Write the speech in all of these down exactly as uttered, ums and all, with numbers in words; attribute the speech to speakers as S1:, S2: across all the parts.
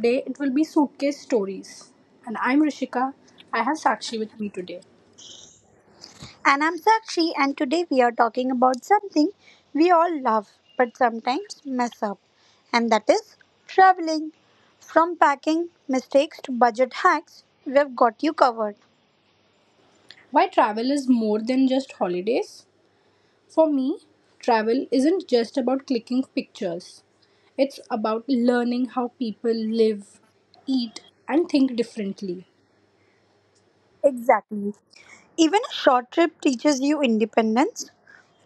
S1: Today it will be suitcase stories, and I'm Rishika. I have Sakshi with me today.
S2: And I'm Sakshi, and today we are talking about something we all love but sometimes mess up, and that is traveling. From packing mistakes to budget hacks, we have got you covered.
S1: Why travel is more than just holidays? For me, travel isn't just about clicking pictures, it's about learning how people live, eat, and think differently.
S2: Exactly. Even a short trip teaches you independence.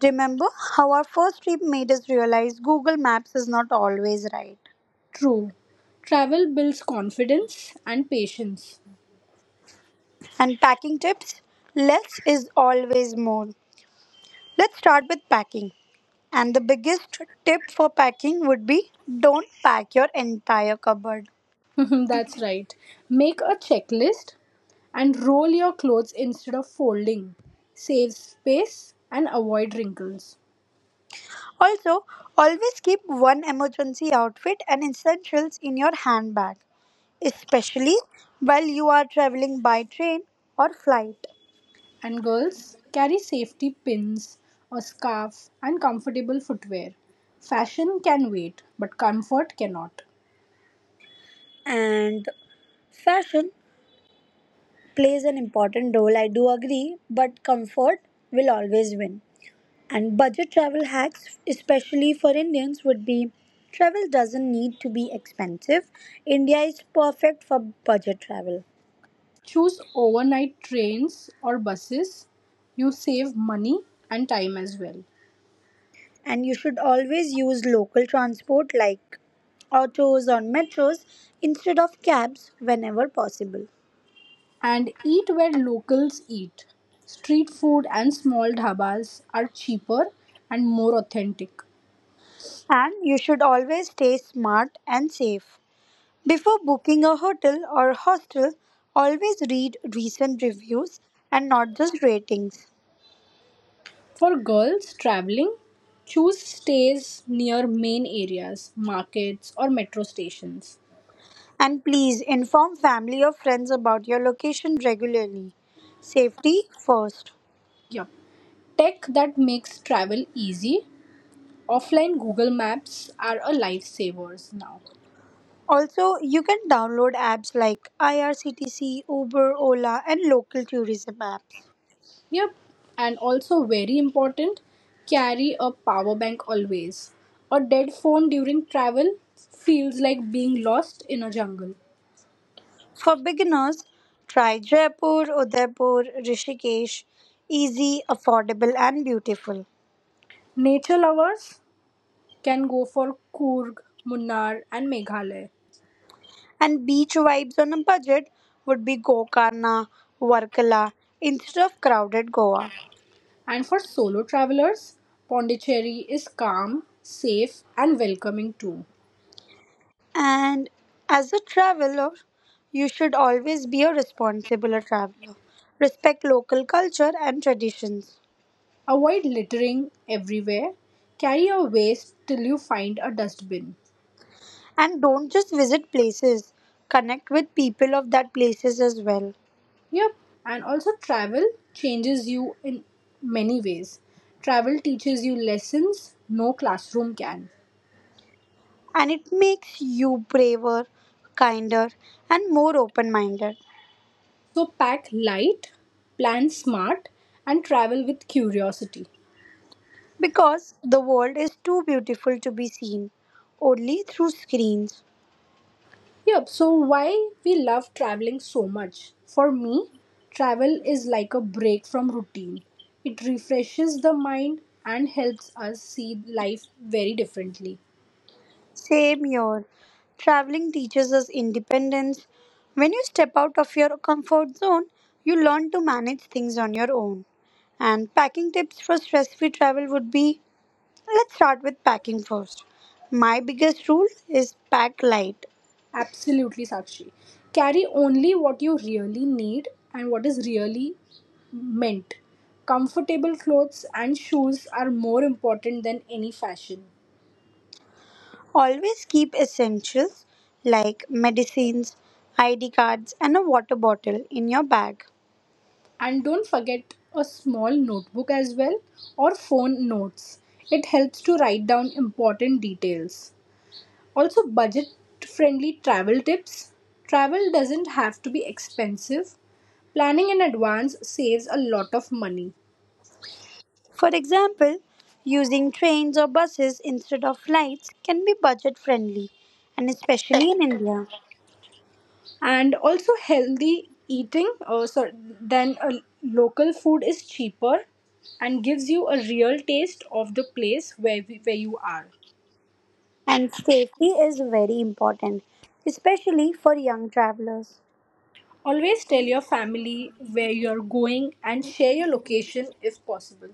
S2: Remember how our first trip made us realize Google Maps is not always right.
S1: True, travel builds confidence and patience.
S2: And packing tips, less is always more. Let's start with packing. And the biggest tip for packing would be don't pack your entire cupboard.
S1: That's right. Make a checklist and roll your clothes instead of folding. Save space and avoid wrinkles.
S2: Also, always keep one emergency outfit and essentials in your handbag, especially while you are traveling by train or flight.
S1: And girls, carry safety pins, a scarf, and comfortable footwear. Fashion can wait, but comfort cannot.
S2: And fashion plays an important role, I do agree, but comfort will always win. And budget travel hacks, especially for Indians, would be travel doesn't need to be expensive. India is perfect for budget travel.
S1: Choose overnight trains or buses. You save money and time as well,
S2: And you should always use local transport like autos or metros instead of cabs whenever possible.
S1: and eat where locals eat. Street food and small dhabas are cheaper and more authentic.
S2: And you should always stay smart and safe. Before booking a hotel or hostel, always read recent reviews and not just ratings.
S1: For girls traveling, choose stays near main areas, markets, or metro stations.
S2: And please inform family or friends about your location regularly. Safety first.
S1: Yup. Tech that makes travel easy. Offline Google Maps are a lifesavers now.
S2: Also, you can download apps like I R C T C, Uber, Ola, and local tourism apps.
S1: Yep, and also very important, carry a power bank always. A dead phone during travel feels like being lost in a jungle.
S2: For beginners, try Jaipur, Udaipur, Rishikesh. Easy, affordable, and beautiful.
S1: Nature lovers can go for Coorg, Munnar, and Meghalaya.
S2: And beach vibes on a budget would be Gokarna, Varkala, instead of crowded Goa.
S1: And for solo travelers, Pondicherry is calm, safe, and welcoming too.
S2: And as a traveler, you should always be a responsible traveler. Respect local culture and traditions.
S1: Avoid littering everywhere. Carry your waste till you find a dustbin.
S2: And don't just visit places, connect with people of that places as well.
S1: Yep, and also travel changes you in many ways. Travel teaches you lessons no classroom can.
S2: And it makes you braver, kinder, and more open minded.
S1: So pack light, plan smart, and travel with curiosity.
S2: Because the world is too beautiful to be seen only through screens.
S1: Yep, so why we love traveling so much? For me, travel is like a break from routine. It refreshes the mind and helps us see life very differently.
S2: Same here. Traveling teaches us independence. When you step out of your comfort zone, you learn to manage things on your own. And packing tips for stress free travel would be, let's start with packing first. My biggest rule is pack light.
S1: Absolutely, Sakshi. Carry only what you really need and what is really meant. Comfortable clothes and shoes are more important than any fashion.
S2: Always keep essentials like medicines, I D cards, and a water bottle in your bag.
S1: And don't forget a small notebook as well or phone notes. It helps to write down important details. Also, budget friendly travel tips. Travel doesn't have to be expensive. Planning in advance saves a lot of money,
S2: For example, using trains or buses instead of flights can be budget friendly, and especially in India.
S1: and also healthy eating uh, so then a local food is cheaper and gives you a real taste of the place where, where you are.
S2: And safety is very important, especially for young travelers.
S1: Always tell your family where you're going and share your location if possible.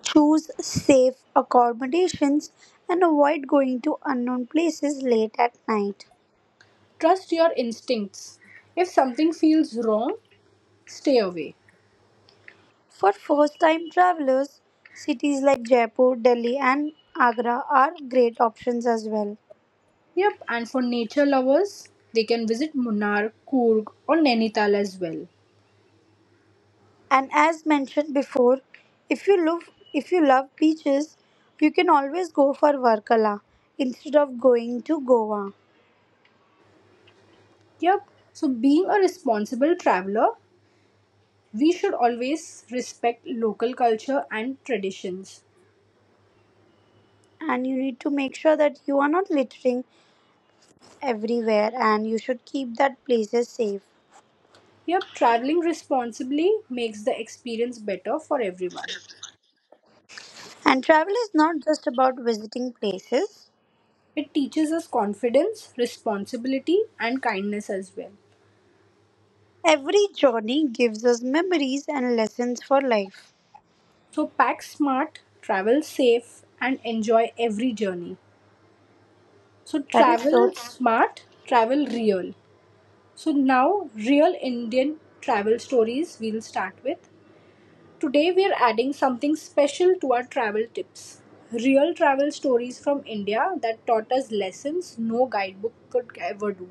S2: Choose safe accommodations and avoid going to unknown places late at night.
S1: Trust your instincts. If something feels wrong, stay away.
S2: For first time travelers, cities like Jaipur, Delhi, and Agra are great options as well.
S1: Yep, and for nature lovers, they can visit Munnar, Kurg, or Nainital as well.
S2: And as mentioned before, if you love if you love beaches, you can always go for Varkala instead of going to Goa.
S1: Yep, so being a responsible traveler, we should always respect local culture and traditions.
S2: And you need to make sure that you are not littering everywhere and you should keep that places safe.
S1: Yep, traveling responsibly makes the experience better for everyone.
S2: And travel is not just about visiting places.
S1: It teaches us confidence, responsibility, and kindness as well.
S2: Every journey gives us memories and lessons for life.
S1: So, pack smart, travel safe, and enjoy every journey. So,
S2: That is so.
S1: travel smart, travel real. So, now, real Indian travel stories we'll start with. Today we're adding something special to our travel tips. Real travel stories from India that taught us lessons no guidebook could ever do.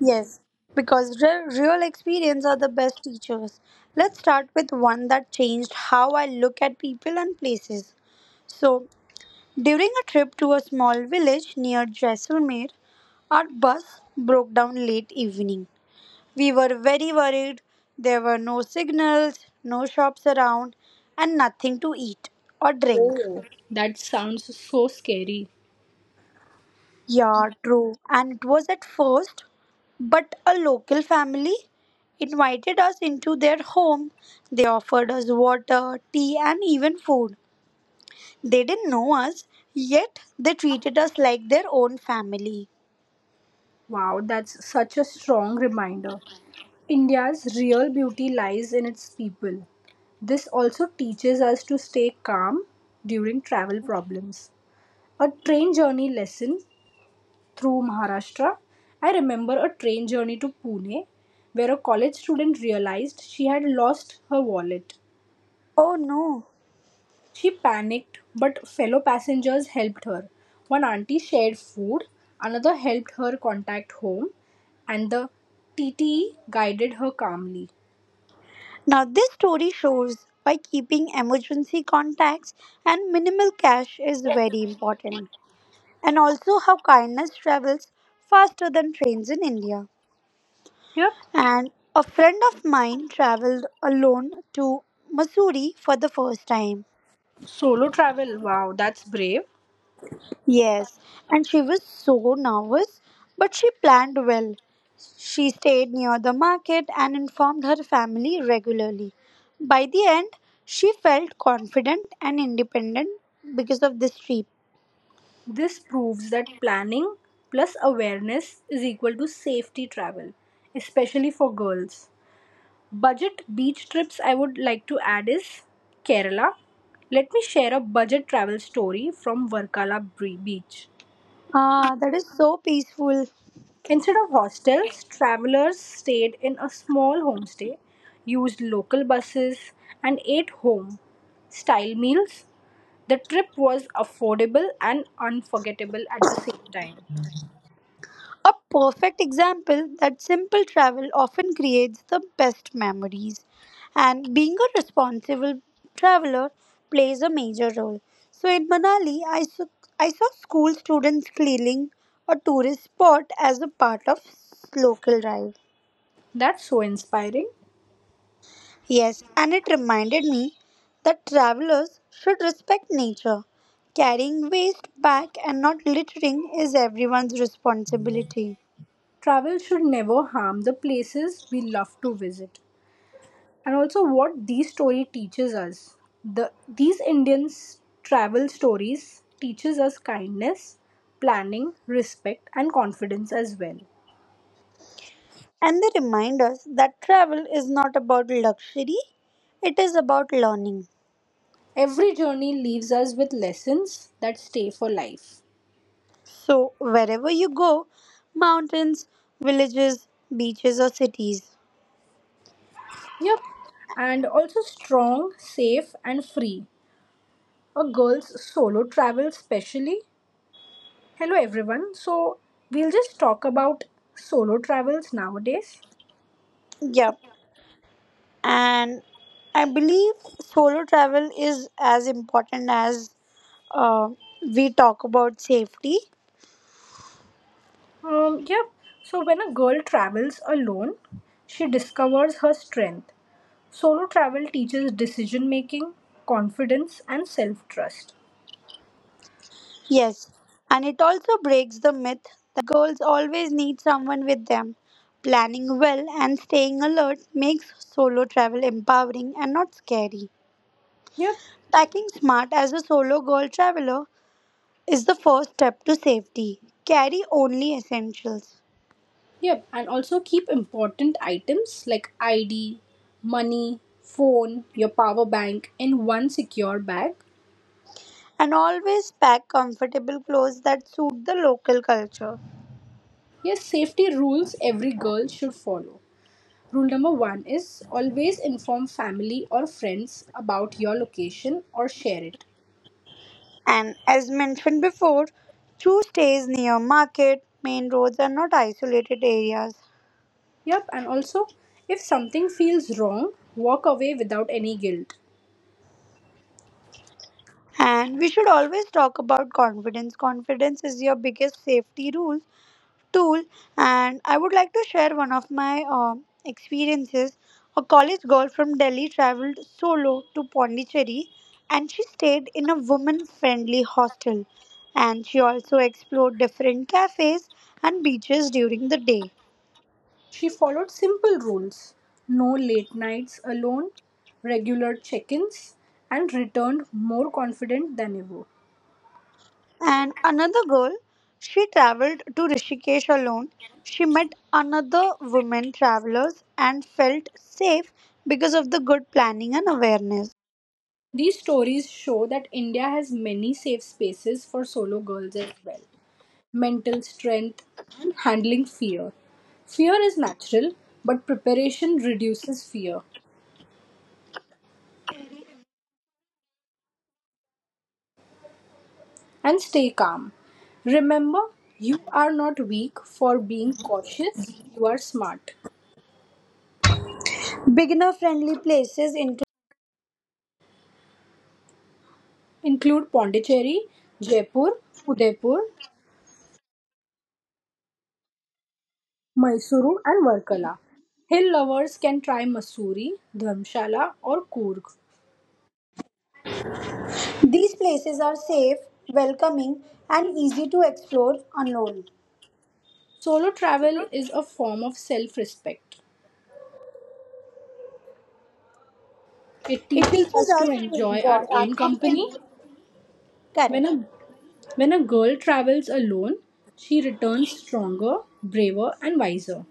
S2: Yes, because re- real experience are the best teachers. Let's start with one that changed how I look at people and places. So, during a trip to a small village near Jaisalmer, our bus broke down late evening. We were very worried. There were no signals, no shops around, and nothing to eat or drink.
S1: Oh, that sounds so scary.
S2: Yeah, true. And it was at first, but a local family invited us into their home. They offered us water, tea, and even food. They didn't know us, yet they treated us like their own family.
S1: Wow, that's such a strong reminder. India's real beauty lies in its people. This also teaches us to stay calm during travel problems. A train journey lesson through Maharashtra. I remember a train journey to Pune where a college student realized she had lost her wallet.
S2: Oh no.
S1: She panicked, but fellow passengers helped her. One auntie shared food, another helped her contact home, and the T T E guided her calmly.
S2: Now, this story shows why keeping emergency contacts and minimal cash is very important, and also how kindness travels faster than trains in India.
S1: Yep,
S2: And a friend of mine traveled alone to Missouri for the first time.
S1: solo travel. Wow, that's brave.
S2: Yes, and she was so nervous, but she planned well. She stayed near the market and informed her family regularly. By the end, she felt confident and independent because of this trip.
S1: This proves that planning plus awareness is equal to safety travel, especially for girls. Budget beach trips I would like to add is Kerala. Let me share a budget travel story from Varkala Bre- Beach.
S2: Ah, that is so peaceful.
S1: Instead of hostels, travelers stayed in a small homestay, used local buses, and ate home style meals. The trip was affordable and unforgettable at the same time.
S2: A perfect example that simple travel often creates the best memories, and being a responsible traveler plays a major role. So in Manali, I saw, I saw school students cleaning a tourist spot as a part of local drive.
S1: That's so inspiring.
S2: Yes, and it reminded me that travelers should respect nature. Carrying waste back and not littering is everyone's responsibility.
S1: Travel should never harm the places we love to visit. And also what these story teaches us. The these Indian travel stories teaches us kindness, planning, respect, and confidence as well.
S2: And they remind us that travel is not about luxury, it is about learning.
S1: Every journey leaves us with lessons that stay for life.
S2: So, wherever you go, mountains, villages, beaches, or cities.
S1: Yep. And also strong, safe, and free. A girl's solo travel, specially. Hello, everyone. So, we'll just talk about solo travels nowadays.
S2: Yep. And I believe solo travel is as important as uh, we talk about safety.
S1: Um, yep. So when a girl travels alone, she discovers her strength. Solo travel teaches decision making, confidence, and self trust.
S2: Yes. And it also breaks the myth that girls always need someone with them. Planning well and staying alert makes solo travel empowering and not scary.
S1: Yep,
S2: Packing smart as a solo girl traveler is the first step to safety. Carry only essentials
S1: yep. And also keep important items like I D, money, phone, your power bank in one secure bag.
S2: and always pack comfortable clothes that suit the local culture.
S1: Yes, safety rules every girl should follow. Rule number one is always inform family or friends about your location or share it.
S2: And as mentioned before, choose stays near market, main roads, and not isolated areas.
S1: Yep, and also, if something feels wrong, walk away without any guilt.
S2: And we should always talk about confidence. Confidence is your biggest safety rule tool, and I would like to share one of my um, experiences. A college girl from Delhi traveled solo to Pondicherry, and she stayed in a woman friendly hostel, and she also explored different cafes and beaches during the day.
S1: She followed simple rules: no late nights alone, regular check ins, and returned more confident than ever.
S2: And another girl, she traveled to Rishikesh alone. She met another women travelers and felt safe because of the good planning and awareness.
S1: These stories show that India has many safe spaces for solo girls as well. Mental strength, and handling fear. Fear is natural, but preparation reduces fear. And stay calm. Remember, you are not weak for being cautious, you are smart.
S3: Beginner friendly places include
S1: Include Pondicherry, Jaipur, Udaipur, Mysuru, and Varkala. Hill lovers can try Masuri, Dharmshala, or Kurg.
S3: these places are safe, welcoming, and easy to explore alone.
S1: Solo travel is a form of self respect. It
S3: It
S1: teaches
S3: teaches
S1: us to
S3: us to
S1: enjoy
S3: enjoy
S1: our
S3: our
S1: own
S3: company.
S1: company.
S3: Correct.
S1: When a, when a girl travels alone, she returns stronger, braver, and wiser.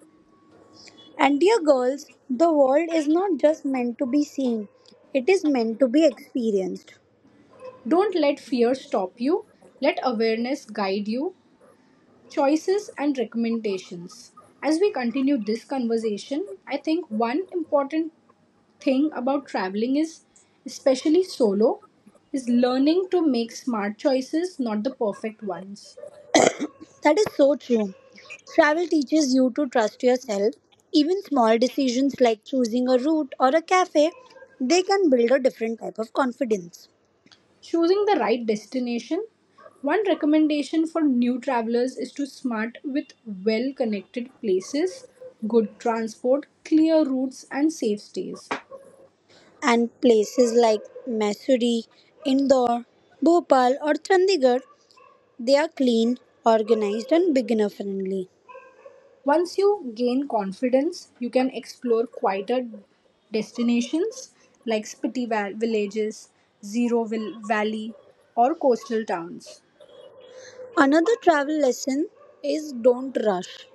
S3: And dear girls, the world is not just meant to be seen, it is meant to be experienced.
S1: Don't let fear stop you, let awareness guide you. Choices and recommendations. As we continue this conversation, I think one important thing about traveling, is, especially solo, is learning to make smart choices, not the perfect ones.
S3: That is so true. Travel teaches you to trust yourself. Even small decisions like choosing a route or a cafe, they can build a different type of confidence.
S1: Choosing the right destination. One recommendation for new travelers is to smart with well connected places, good transport, clear routes, and safe stays.
S3: And places like Missouri, Indore, Bhopal, or Chandigarh, they are clean, organized, and beginner friendly.
S1: Once you gain confidence, you can explore quieter destinations like spitty va- villages, zero vil- valley, or coastal towns.
S3: Another travel lesson is don't rush.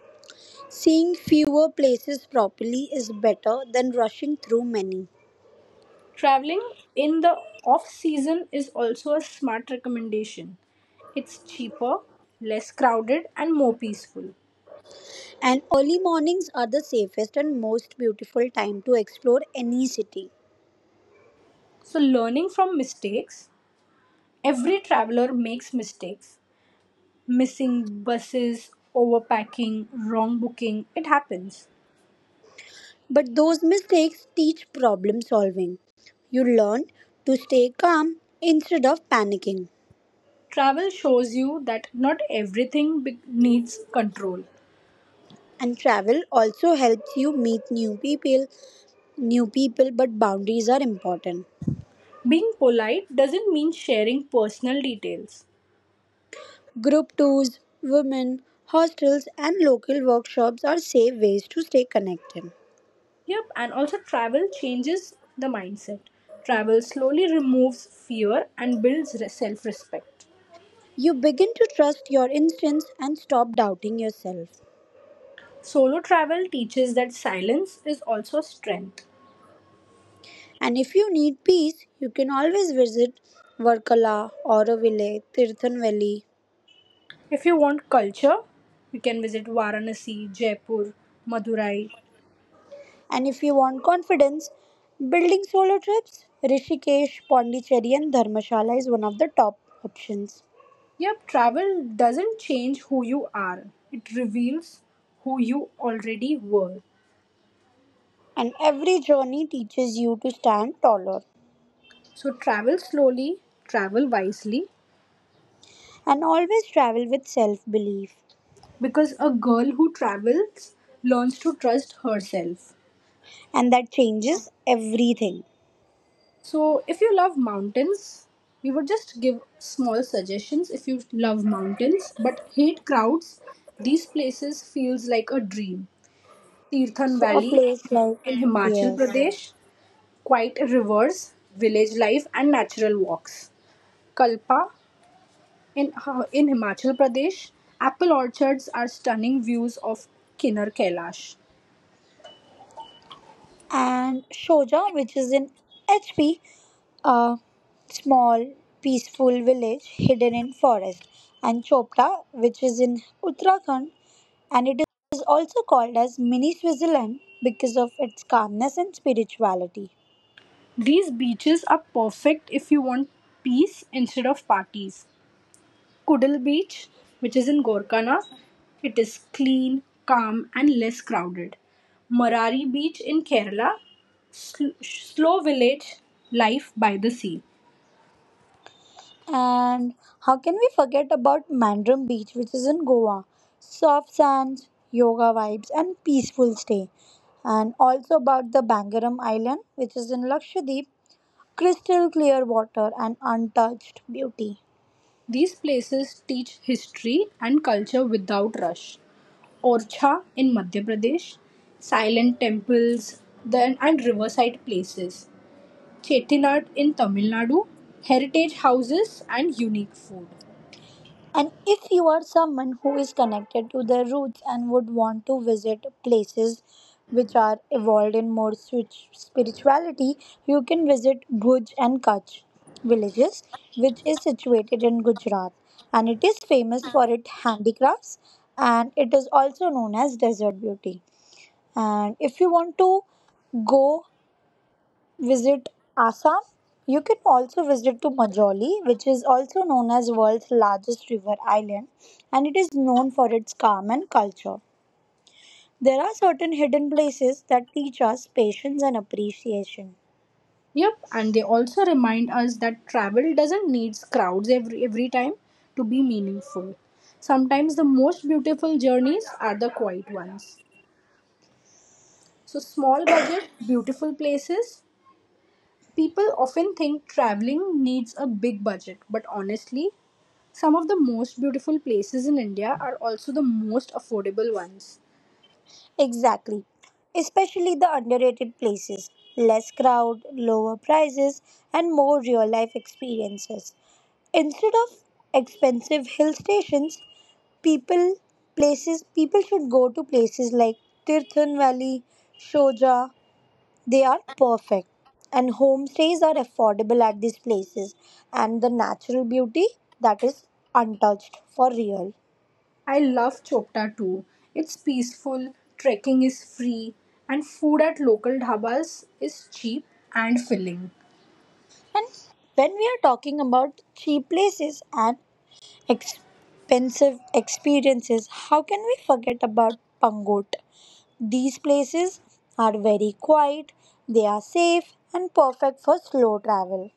S3: Seeing fewer places properly is better than rushing through many.
S1: Traveling in the off season is also a smart recommendation. It's cheaper, less crowded, and more peaceful.
S3: And early mornings are the safest and most beautiful time to explore any city.
S1: So, learning from mistakes. Every traveler makes mistakes. Missing buses, overpacking, wrong booking, it happens.
S3: But those mistakes teach problem solving. You learn to stay calm instead of panicking.
S1: Travel shows you that not everything be- needs control.
S3: And travel also helps you meet new people, new people, but boundaries are important.
S1: Being polite doesn't mean sharing personal details.
S3: Group tours, women, hostels, and local workshops are safe ways to stay connected.
S1: Yep, and also travel changes the mindset. Travel slowly removes fear and builds self respect.
S3: You begin to trust your instincts and stop doubting yourself.
S1: Solo travel teaches that silence is also strength.
S3: And if you need peace, you can always visit Varkala, Auroville, Tirthanveli.
S1: If you want culture, you can visit Varanasi, Jaipur, Madurai.
S3: And if you want confidence, building solo trips, Rishikesh, Pondicherry, and Dharmashala is one of the top options.
S1: Yep, travel doesn't change who you are, it reveals who you already were.
S3: And every journey teaches you to stand taller
S1: So travel slowly, travel wisely,
S3: and always travel with self belief,
S1: because a girl who travels learns to trust herself.
S3: and that changes everything.
S1: So if you love mountains, we would just give small suggestions. If you love mountains but hate crowds, these places feels like a dream. Tirthan
S3: So a
S1: Valley
S3: place like
S1: in Himachal
S3: yes,
S1: Pradesh: quiet rivers, village life, and natural walks. Kalpa In, uh, in Himachal Pradesh, apple orchards are stunning views of Kinnar Kailash.
S3: and Shoja, which is in H P, a small peaceful village hidden in forest, and Chopra, which is in Uttarakhand, and it is also called as mini Switzerland because of its calmness and spirituality.
S1: These beaches are perfect if you want peace instead of parties. Kudal Beach, which is in Gorkana, it is clean, calm, and less crowded. Marari Beach in Kerala, sl- slow village life by the sea.
S3: And how can we forget about Mandrum Beach, which is in Goa? Soft sands, yoga vibes, and peaceful stay. And also about the Bangaram Island, which is in Lakshadweep, crystal clear water and untouched beauty.
S1: These places teach history and culture without rush. Orchha in Madhya Pradesh, silent temples then and riverside places. Chettinad in Tamil Nadu, heritage houses and unique food.
S3: And if you are someone who is connected to their roots and would want to visit places which are evolved in more switch- spirituality, you can visit Bhuj and Kutch villages, which is situated in Gujarat. And it is famous for its handicrafts and it is also known as desert beauty. And if you want to go, visit Assam. You can also visit to Majoli, which is also known as world's largest river island, and it is known for its calm and culture. There are certain hidden places that teach us patience and appreciation.
S1: Yep, and they also remind us that travel doesn't need crowds every every time to be meaningful. Sometimes the most beautiful journeys are the quiet ones. So small budget, beautiful places. People often think traveling needs a big budget, but honestly, some of the most beautiful places in India are also the most affordable ones.
S3: Exactly. Especially the underrated places. Less crowd, lower prices, and more real life experiences. Instead of expensive hill stations, people places people should go to places like Tirthan Valley, Shoja. They are perfect. And homestays are affordable at these places. And the natural beauty that is untouched for real.
S1: I love Chopta too. It's peaceful, trekking is free, and food at local dhabas is cheap and filling.
S3: And when we are talking about cheap places and expensive experiences, how can we forget about Pangot? These places are very quiet, they are safe and perfect for slow travel.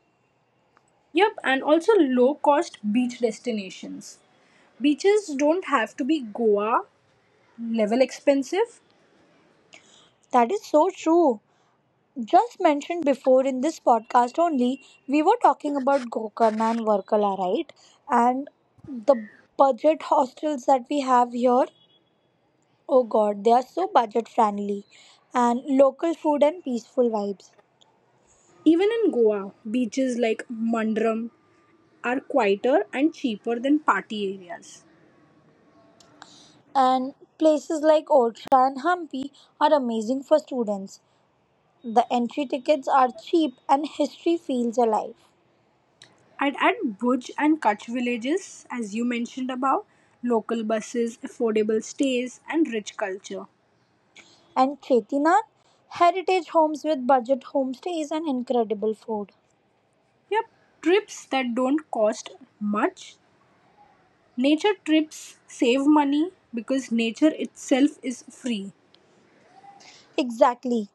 S1: Yep, and also low cost beach destinations. Beaches don't have to be Goa level expensive.
S3: That is so true. Just mentioned before in this podcast only, we were talking about Gokarna and Varkala, right? And the budget hostels that we have here, oh god, they are so budget friendly and local food and peaceful vibes.
S1: Even in Goa, beaches like Mandram are quieter and cheaper than party areas.
S3: And places like Orcha and Hampi are amazing for students. The entry tickets are cheap and history feels alive.
S1: I'd add Bhuj and Kutch villages, as you mentioned above: local buses, affordable stays, and rich culture.
S3: And Chetinath, heritage homes with budget homestays and incredible food.
S1: Yep, trips that don't cost much. Nature trips save money because nature itself is free.
S3: Exactly.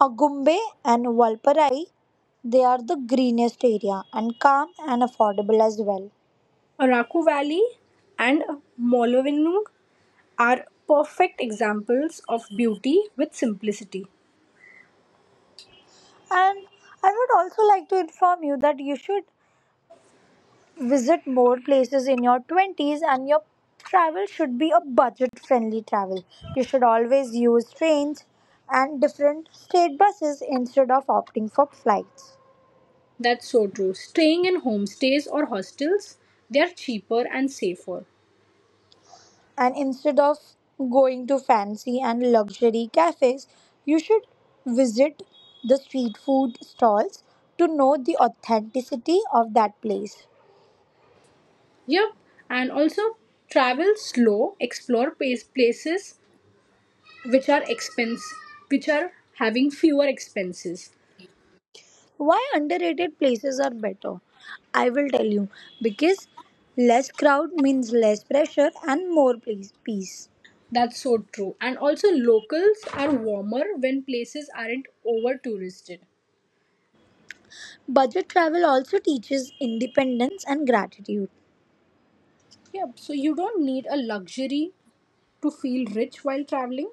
S3: Agumbe and Valparai, they are the greenest area and calm and affordable as well.
S1: Araku Valley and Molovinung are perfect examples of beauty with simplicity.
S3: And I would also like to inform you that you should visit more places in your twenties, and your travel should be a budget friendly travel. You should always use trains and different state buses instead of opting for flights.
S1: That's so true. Staying in homestays or hostels, they are cheaper and safer.
S3: And instead of going to fancy and luxury cafes, you should visit the street food stalls to know the authenticity of that place.
S1: Yep, and also travel slow, explore place, places which are expense which are having fewer expenses.
S3: Why underrated places are better? I will tell you because less crowd means less pressure and more place, peace.
S1: That's so true. And also locals are warmer when places aren't over touristed.
S3: Budget travel also teaches independence and gratitude.
S1: Yep, so you don't need a luxury to feel rich while traveling.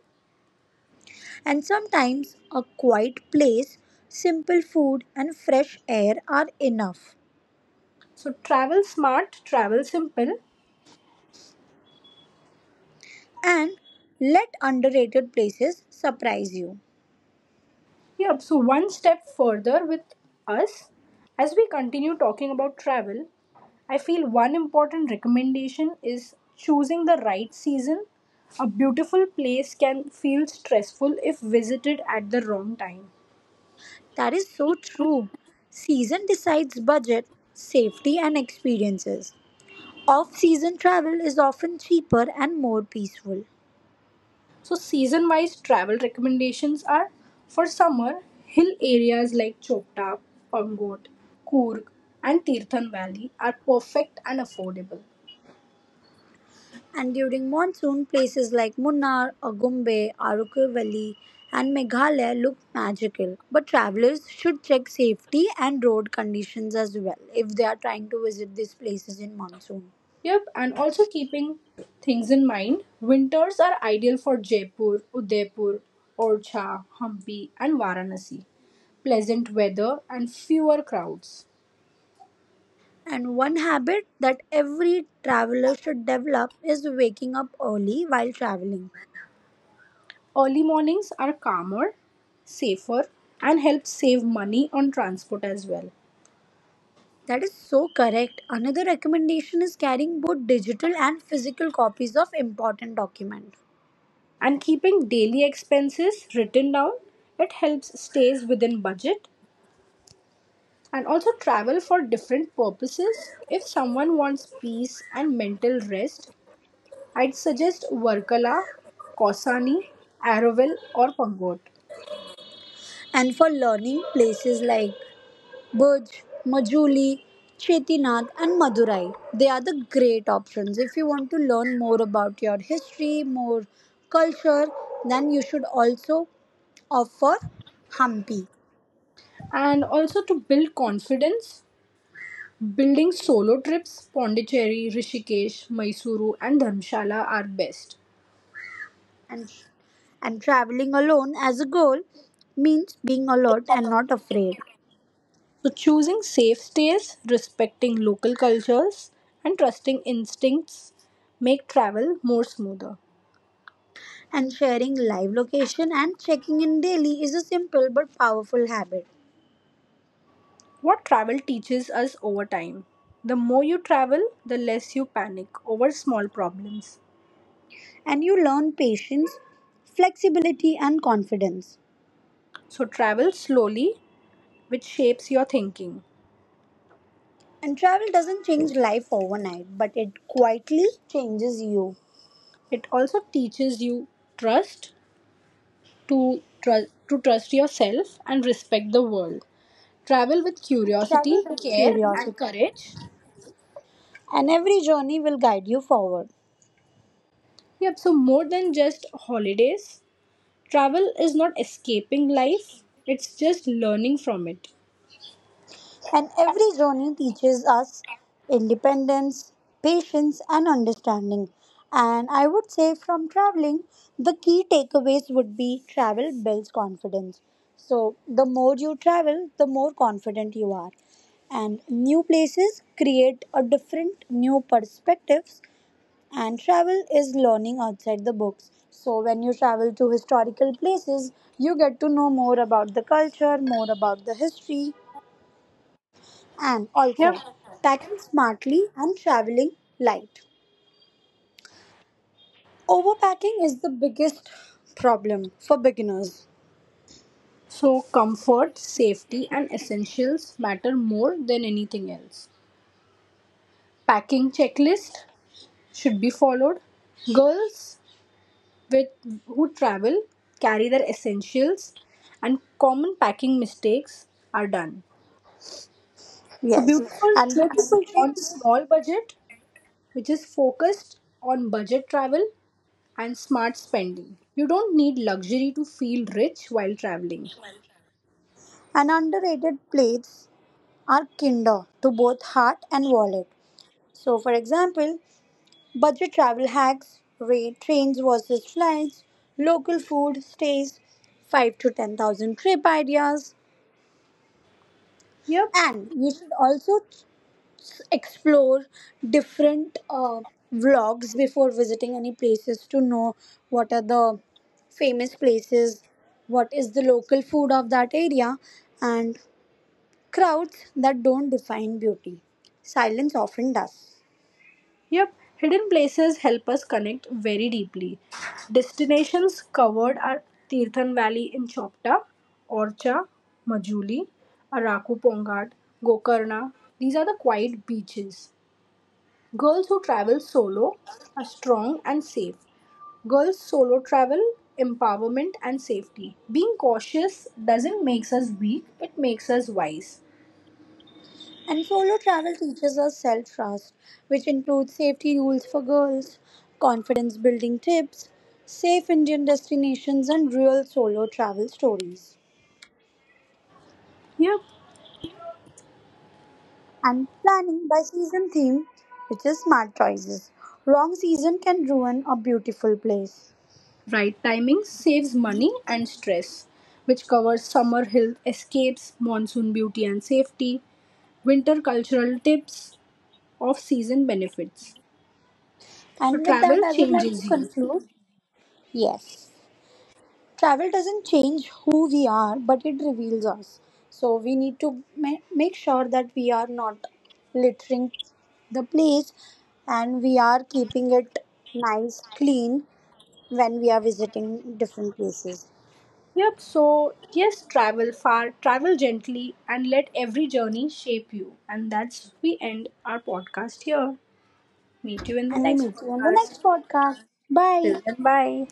S3: And sometimes a quiet place, simple food, and fresh air are enough.
S1: So travel smart, travel simple.
S3: And let underrated places surprise you.
S1: Yep, so one step further with us. As we continue talking about travel, I feel one important recommendation is choosing the right season. A beautiful place can feel stressful if visited at the wrong time.
S3: That is so true. Season decides budget, safety, and experiences. Off-season travel is often cheaper and more peaceful,
S1: So, season wise travel recommendations are: for summer, hill areas like Chopta, Pangot, Coorg, and Tirthan Valley are perfect and affordable.
S3: and during monsoon, places like Munnar, Agumbe, Arukir Valley, and Meghalaya look magical. But travelers should check safety and road conditions as well if they are trying to visit these places in monsoon.
S1: Yep, and also keeping things in mind, winters are ideal for Jaipur, Udaipur, Orcha, Hampi, and Varanasi. Pleasant weather and fewer crowds.
S3: And one habit that every traveler should develop is waking up early while traveling.
S1: Early mornings are calmer, safer, and help save money on transport as well.
S3: That is so correct. Another recommendation is carrying both digital and physical copies of important documents.
S1: And keeping daily expenses written down, it helps stays within budget. And also travel for different purposes. If someone wants peace and mental rest, I'd suggest Varkala, Kausani, Araval, or Pangot.
S3: And for learning places like Burj, Majuli, Chetinath and Madurai, they are the great options. If you want to learn more about your history, more culture, then you should also opt for Hampi.
S1: And also to build confidence, building solo trips, Pondicherry, Rishikesh, Mysuru, and Dharmshala are best.
S3: And, and traveling alone as a goal means being alert and not afraid.
S1: So choosing safe stays, respecting local cultures, and trusting instincts make travel more smoother.
S3: And sharing live location and checking in daily is a simple but powerful habit.
S1: What travel teaches us over time. The more you travel, the less you panic over small problems.
S3: And you learn patience, flexibility and confidence.
S1: So travel slowly which shapes your thinking.
S3: And travel doesn't change life overnight, but it quietly changes you.
S1: It also teaches you trust to trust to trust yourself and respect the world. Travel with curiosity,
S3: Travel with
S1: care, and
S3: curiosity.
S1: courage.
S3: And every journey will guide you forward.
S1: Yep, so more than just holidays, travel is not escaping life, it's just learning from it.
S3: And every journey teaches us independence, patience, and understanding. And I would say from traveling, the key takeaways would be travel builds confidence. So, the more you travel, the more confident you are and new places create a different new perspectives and travel is learning outside the books. So when you travel to historical places you get to know more about the culture, more about the history, and
S1: Yep.
S3: also packing smartly and traveling light. Overpacking is the biggest problem for beginners.
S1: So comfort, safety, and essentials matter more than anything else. Packing checklist should be followed. Girls, with who travel, carry their essentials, and common packing mistakes are done. So
S3: Yes,
S1: beautiful
S3: and
S1: trips
S3: beautiful
S1: on
S3: trips
S1: small budget, which is focused on budget travel and smart spending. You don't need luxury to feel rich while traveling.
S3: and underrated plates are kinder to both heart and wallet. So for example, budget travel hacks rate trains versus flights, local food, stays, five to ten thousand trip ideas.
S1: Yep.
S3: And you should also explore different uh, vlogs before visiting any places to know what are the famous places, what is the local food of that area, and crowds that don't define beauty. Silence often does.
S1: Yep, hidden places help us connect very deeply. Destinations covered are Tirthan Valley in Chopta, Orcha, Majuli, Araku Pongat, Gokarna. These are the quiet beaches. Girls who travel solo are strong and safe. Girls solo travel, empowerment, and safety. Being cautious doesn't make us weak, it makes us wise.
S3: And solo travel teaches us self trust, which includes safety rules for girls, confidence building tips, safe Indian destinations, and real solo travel stories.
S1: Yep.
S3: And planning by season theme, which is smart choices. Wrong season can ruin a beautiful place.
S1: Right timing saves money and stress, which covers summer health escapes, monsoon beauty and safety, winter cultural tips, off season benefits. So,
S3: And with
S1: travel
S3: that, I would like to
S1: changes you.
S3: conclude. Yes. Travel doesn't change who we are, but it reveals us. So we need to ma- make sure that we are not littering the place and we are keeping it nice, clean when we are visiting different places.
S1: Yep, so yes, travel far, travel gently, and let every journey shape you. And that's we end our podcast here. Meet you in the
S3: And we
S1: next
S3: meet you on the
S1: podcast.
S3: next podcast. Bye.
S1: Till then, bye.